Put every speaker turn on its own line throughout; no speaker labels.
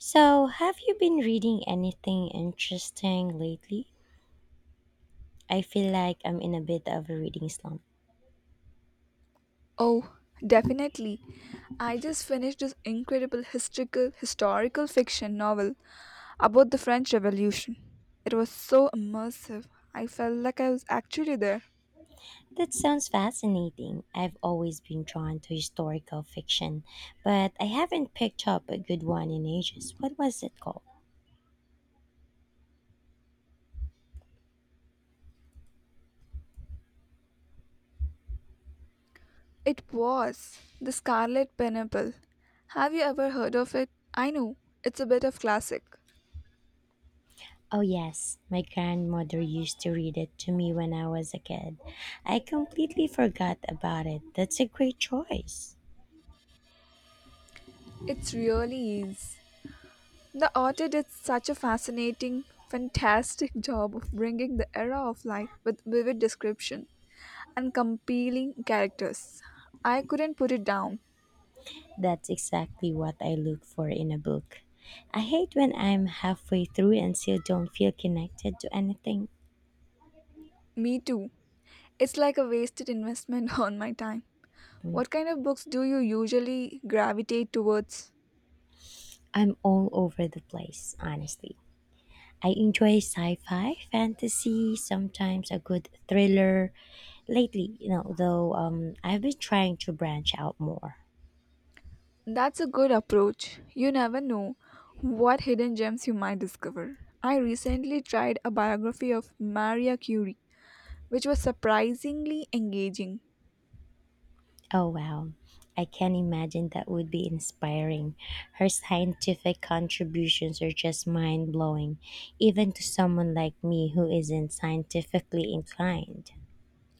So, have you been reading anything interesting lately? I feel like I'm in a bit of a reading slump.
Oh, definitely. I just finished this incredible historical fiction novel about the French Revolution. It was so immersive. I felt like I was actually there.
That sounds fascinating. I've always been drawn to historical fiction, but I haven't picked up a good one in ages. What was it called?
It was The Scarlet Pineapple. Have you ever heard of it? I know, it's a bit of classic.
Oh, yes, my grandmother used to read it to me when I was a kid. I completely forgot about it. That's a great choice.
It really is. The author did such a fantastic job of bringing the era of life with vivid description and compelling characters. I couldn't put it down.
That's exactly what I look for in a book. I hate when I'm halfway through and still don't feel connected to anything.
Me too. It's like a wasted investment on my time. What kind of books do you usually gravitate towards?
I'm all over the place, honestly. I enjoy sci fi, fantasy, sometimes a good thriller. Lately, though, I've been trying to branch out more.
That's a good approach. You never know what hidden gems you might discover. I recently tried a biography of Maria Curie, which was surprisingly engaging.
Oh wow. I can imagine that would be inspiring. Her scientific contributions are just mind blowing, even to someone like me who isn't scientifically inclined.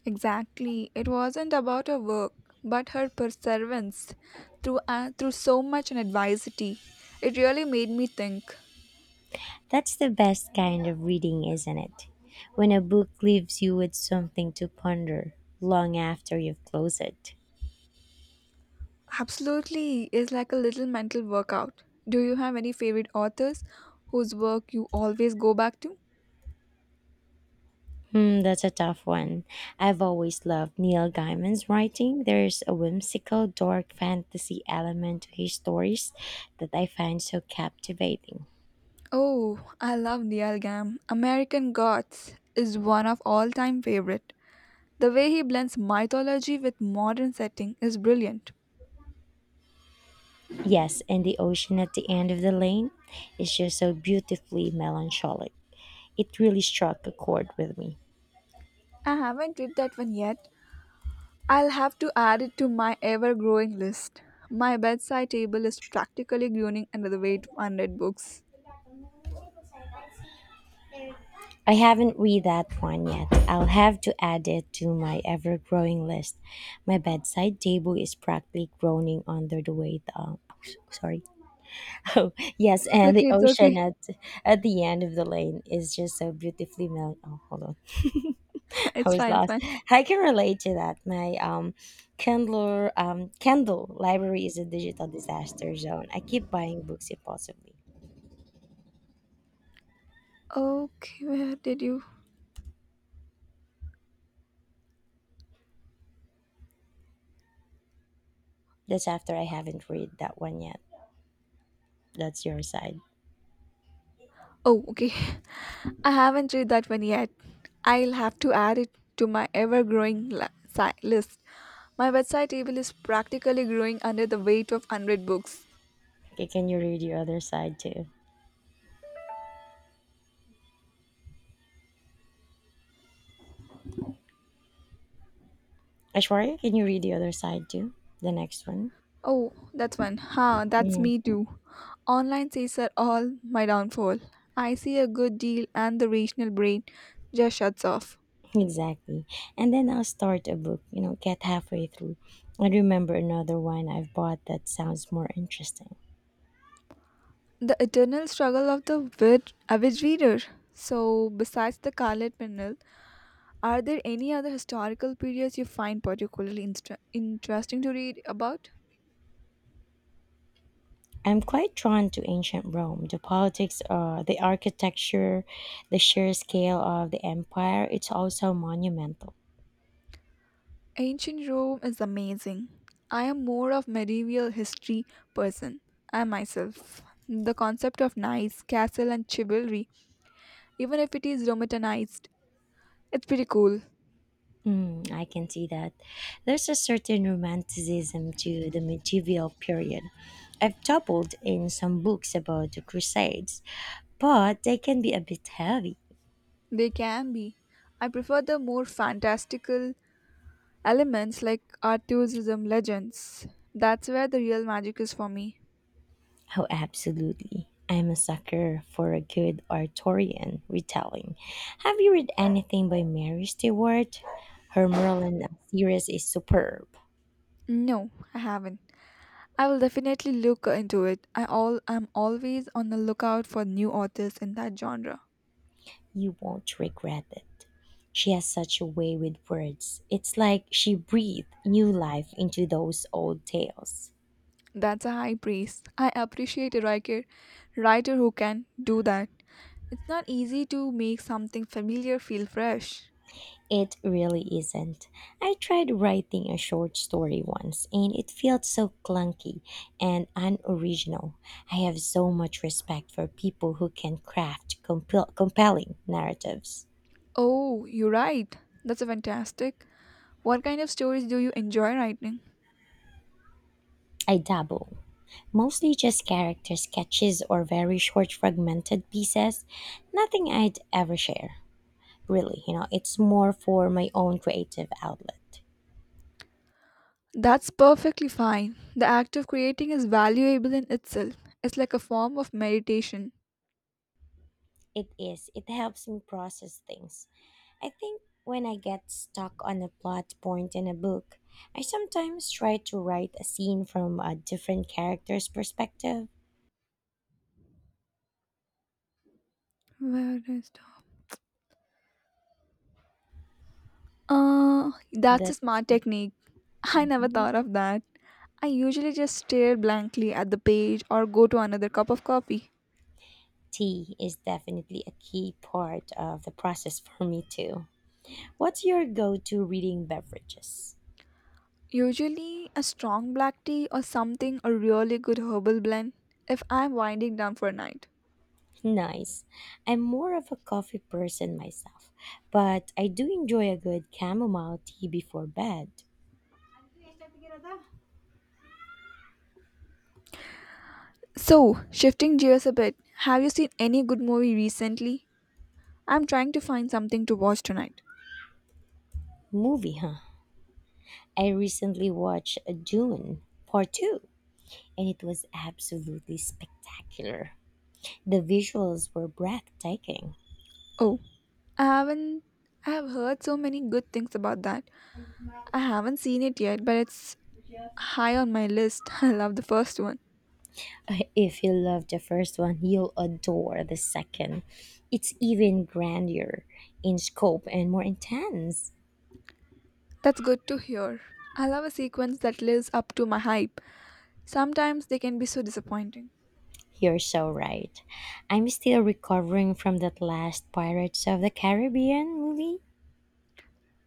Exactly. It wasn't about her work, but her perseverance through so much an adversity. It really made me think.
That's the best kind of reading, isn't it? When a book leaves you with something to ponder long after you've closed it.
Absolutely is like a little mental workout. Do you have any favorite authors whose work you always go back to?
That's a tough one. I've always loved Neil Gaiman's writing. There's a whimsical, dark fantasy element to his stories that I find so captivating.
Oh, I love Neil Gaiman. American Gods is one of all-time favorite. The way he blends mythology with modern setting is brilliant.
Yes, and the ocean at the end of the lane is just so beautifully melancholic. It really struck a chord with me.
I haven't read that one yet, I'll have to add it to my ever growing list. My bedside table is practically groaning under the weight of unread books.
I haven't read that one yet. I'll have to add it to my ever growing list. My bedside table is practically groaning under the weight of, sorry, Oh, yes,
It's
and
okay,
the
it's
ocean
okay.
at the end of the lane is just so beautifully mel. Oh, hold on. I
It's
was
fine, it's
lost.
fine.
I can relate to that. My Kindle library is a digital disaster zone. I keep buying books impulsively.
Okay, where did you?
That's after I haven't read that one yet. That's your side.
Oh, okay. I haven't read that one yet. I'll have to add it to my ever growing list. My bedside table is practically growing under the weight of unread books.
Okay, can you read your other side too, Ashwarya? Can you read the other side too? The next one.
Oh, that's one. Huh, that's
Mm.
me too. Online sales are all my downfall. I see a good deal and the rational brain just shuts off.
Exactly. And then I'll start a book, get halfway through and remember another one I've bought that sounds more interesting.
The eternal struggle of the average reader. So, besides the Scarlet Pimpernel, are there any other historical periods you find particularly interesting to read about?
I'm quite drawn to ancient Rome, the politics, the architecture, the sheer scale of the empire. It's also monumental.
Ancient Rome is amazing. I am more of medieval history person. I myself. The concept of knights, castle and chivalry even if it is romanticized. It's pretty cool.
I can see that. There's a certain romanticism to the medieval period. I've dabbled in some books about the Crusades, but they can be a bit heavy.
They can be. I prefer the more fantastical elements like Arthurianism legends. That's where the real magic is for me.
Oh, absolutely. I'm a sucker for a good Arthurian retelling. Have you read anything by Mary Stewart? Her Merlin series is superb.
No, I haven't. I will definitely look into it. I all am always on the lookout for new authors in that genre.
You won't regret it. She has such a way with words. It's like she breathed new life into those old tales.
That's a high praise. I appreciate a writer who can do that. It's not easy to make something familiar feel fresh.
It really isn't. I tried writing a short story once and it felt so clunky and unoriginal. I have so much respect for people who can craft compelling narratives.
Oh, you're right. That's a fantastic. What kind of stories do you enjoy writing?
I dabble, mostly just character sketches or very short fragmented pieces, nothing I'd ever share. Really, it's more for my own creative outlet.
That's perfectly fine. The act of creating is valuable in itself. It's like a form of meditation.
It is. It helps me process things. I think when I get stuck on a plot point in a book, I sometimes try to write a scene from a different character's perspective.
Where is the- Uh, that's a
That is-
smart technique. I never
mhm.
thought of that. I usually just stare blankly at the page or go to another cup of coffee.
Tea is definitely a key part of the process for me too. What's your go-to reading beverages?
Usually a strong black tea or something a really good herbal blend if I'm winding down for a night.
Nice. I'm more of a coffee person myself, but I do enjoy a good chamomile tea before bed.
So, shifting gears a bit, have you seen any good movie recently? I'm trying to find something to watch tonight.
Movie, huh? I recently watched Dune Part 2 and it was absolutely spectacular. The visuals were breathtaking.
Oh, I haven't. I have heard so many good things about that. I haven't seen it yet, but it's high on my list. I love the first one.
If you love the first one, you'll adore the second. It's even grander in scope and more intense.
That's good to hear. I love a sequence that lives up to my hype. Sometimes they can be so disappointing.
You're so right. I'm still recovering from that last Pirates of the Caribbean movie.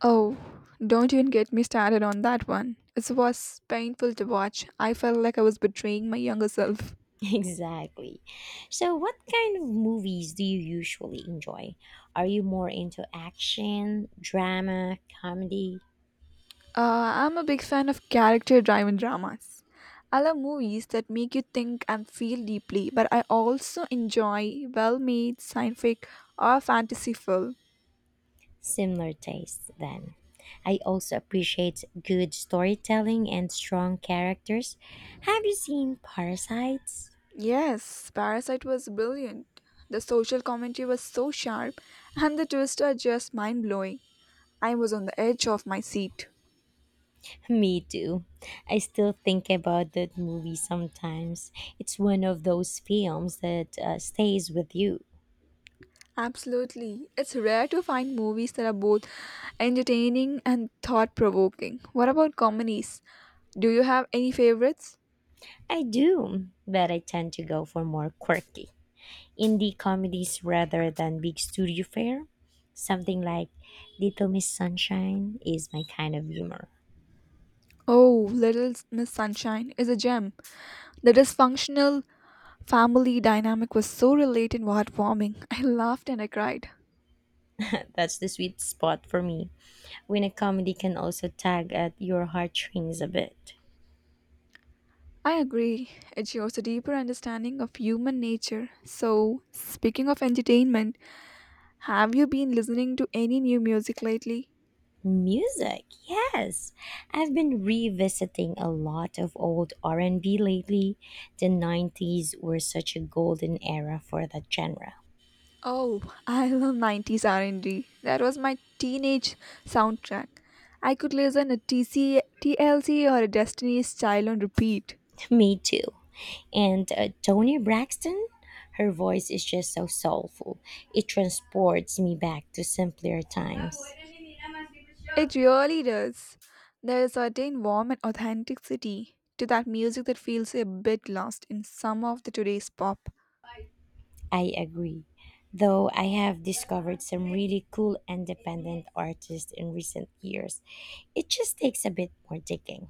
Oh, don't even get me started on that one. It was painful to watch. I felt like I was betraying my younger self.
Exactly. So, what kind of movies do you usually enjoy? Are you more into action, drama, comedy?
I'm a big fan of character driven dramas. I love movies that make you think and feel deeply, but I also enjoy well made scientific or fantasy film.
Similar tastes, then. I also appreciate good storytelling and strong characters. Have you seen Parasites?
Yes, Parasite was brilliant. The social commentary was so sharp, and the twists are just mind blowing. I was on the edge of my seat.
Me too. I still think about that movie sometimes. It's one of those films that stays with you.
Absolutely. It's rare to find movies that are both entertaining and thought provoking. What about comedies? Do you have any favorites?
I do, but I tend to go for more quirky indie comedies rather than big studio fare. Something like Little Miss Sunshine is my kind of humor.
Oh, Little Miss Sunshine is a gem. The dysfunctional family dynamic was so related and heartwarming. I laughed and I cried.
That's the sweet spot for me when a comedy can also tug at your heartstrings a bit.
I agree. It shows a deeper understanding of human nature. So, speaking of entertainment, have you been listening to any new music lately?
Music, yes. I've been revisiting a lot of old R&B lately. The 90s were such a golden era for that genre.
Oh, I love 90s r and B. That was my teenage soundtrack. I could listen a T L C or a Destiny's Child on repeat.
Me too. And Tony Braxton, her voice is just so soulful. It transports me back to simpler times.
It really does. There is a certain warm and authenticity to that music that feels a bit lost in some of the today's pop.
I agree. Though I have discovered some really cool independent artists in recent years, it just takes a bit more digging.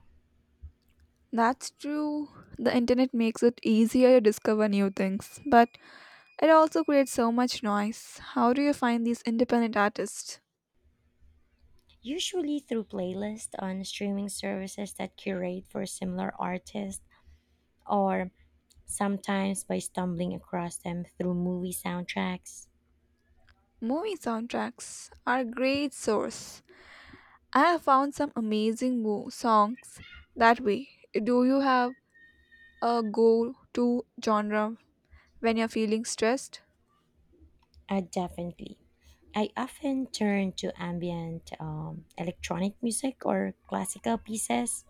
That's true. The internet makes it easier to discover new things, but it also creates so much noise. How do you find these independent artists?
Usually through playlists on streaming services that curate for similar artists, or sometimes by stumbling across them through movie soundtracks.
Movie soundtracks are a great source. I have found some amazing songs that way. Do you have a go-to genre when you're feeling stressed?
Definitely. I often turn to ambient electronic music or classical pieces,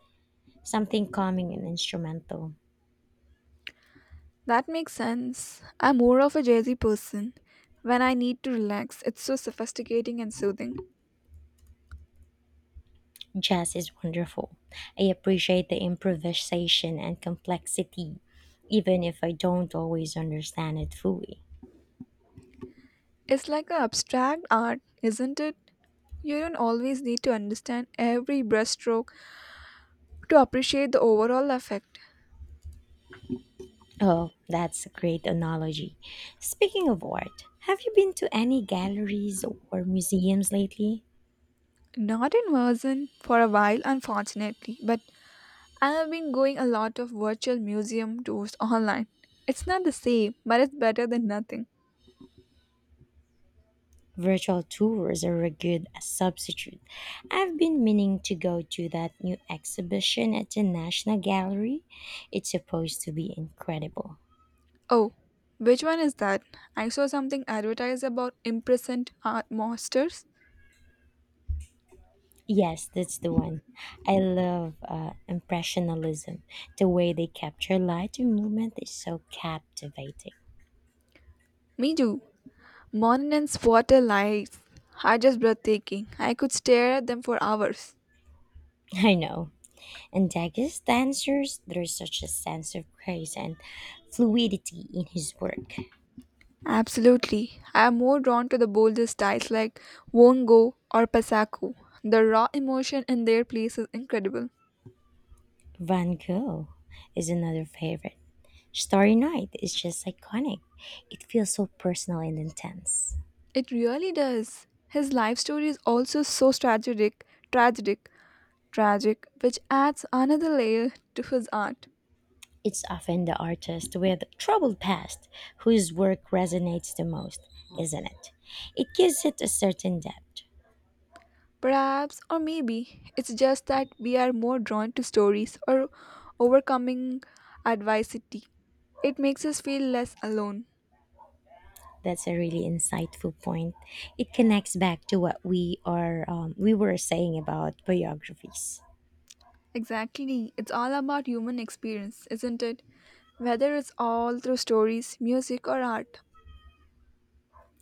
something calming and instrumental.
That makes sense. I'm more of a jazzy person. When I need to relax, it's so sophisticating and soothing.
Jazz is wonderful. I appreciate the improvisation and complexity, even if I don't always understand it fully.
It's like an abstract art, isn't it? You don't always need to understand every brushstroke to appreciate the overall effect.
Oh, that's a great analogy. Speaking of art, have you been to any galleries or museums lately?
Not in person for a while, unfortunately, but I have been going a lot of virtual museum tours online. It's not the same, but it's better than nothing.
Virtual tours are a good substitute. I've been meaning to go to that new exhibition at the National Gallery. It's supposed to be incredible.
Oh, which one is that? I saw something advertised about imprisoned art monsters.
Yes, that's the one. I love Impressionism. The way they capture light and movement is so captivating.
Me too. Moninen's water lights are just breathtaking. I could stare at them for hours.
I know. And Degas dancers, there's such a sense of grace and fluidity in his work.
Absolutely. I am more drawn to the bolder styles like Wongo or Pasako. The raw emotion in their place is incredible.
Van Gogh is another favorite. Starry Night is just iconic. It feels so personal and intense.
It really does. His life story is also so tragic, tragic, which adds another layer to his art.
It's often the artist with troubled past whose work resonates the most, isn't it? It gives it a certain depth.
Perhaps, or maybe, it's just that we are more drawn to stories or overcoming adversity. It makes us feel less alone.
That's a really insightful point. It connects back to what we were saying about biographies.
Exactly. It's all about human experience, isn't it? Whether it's all through stories, music, or art.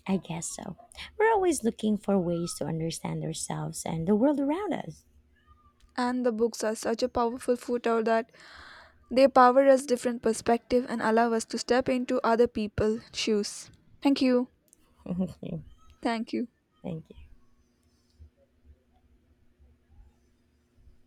I guess so. We're always looking for ways to understand ourselves and the world around us.
And the books are such a powerful footer that they power us different perspective and allow us to step into other people's shoes. Thank you. Thank you.
Thank you.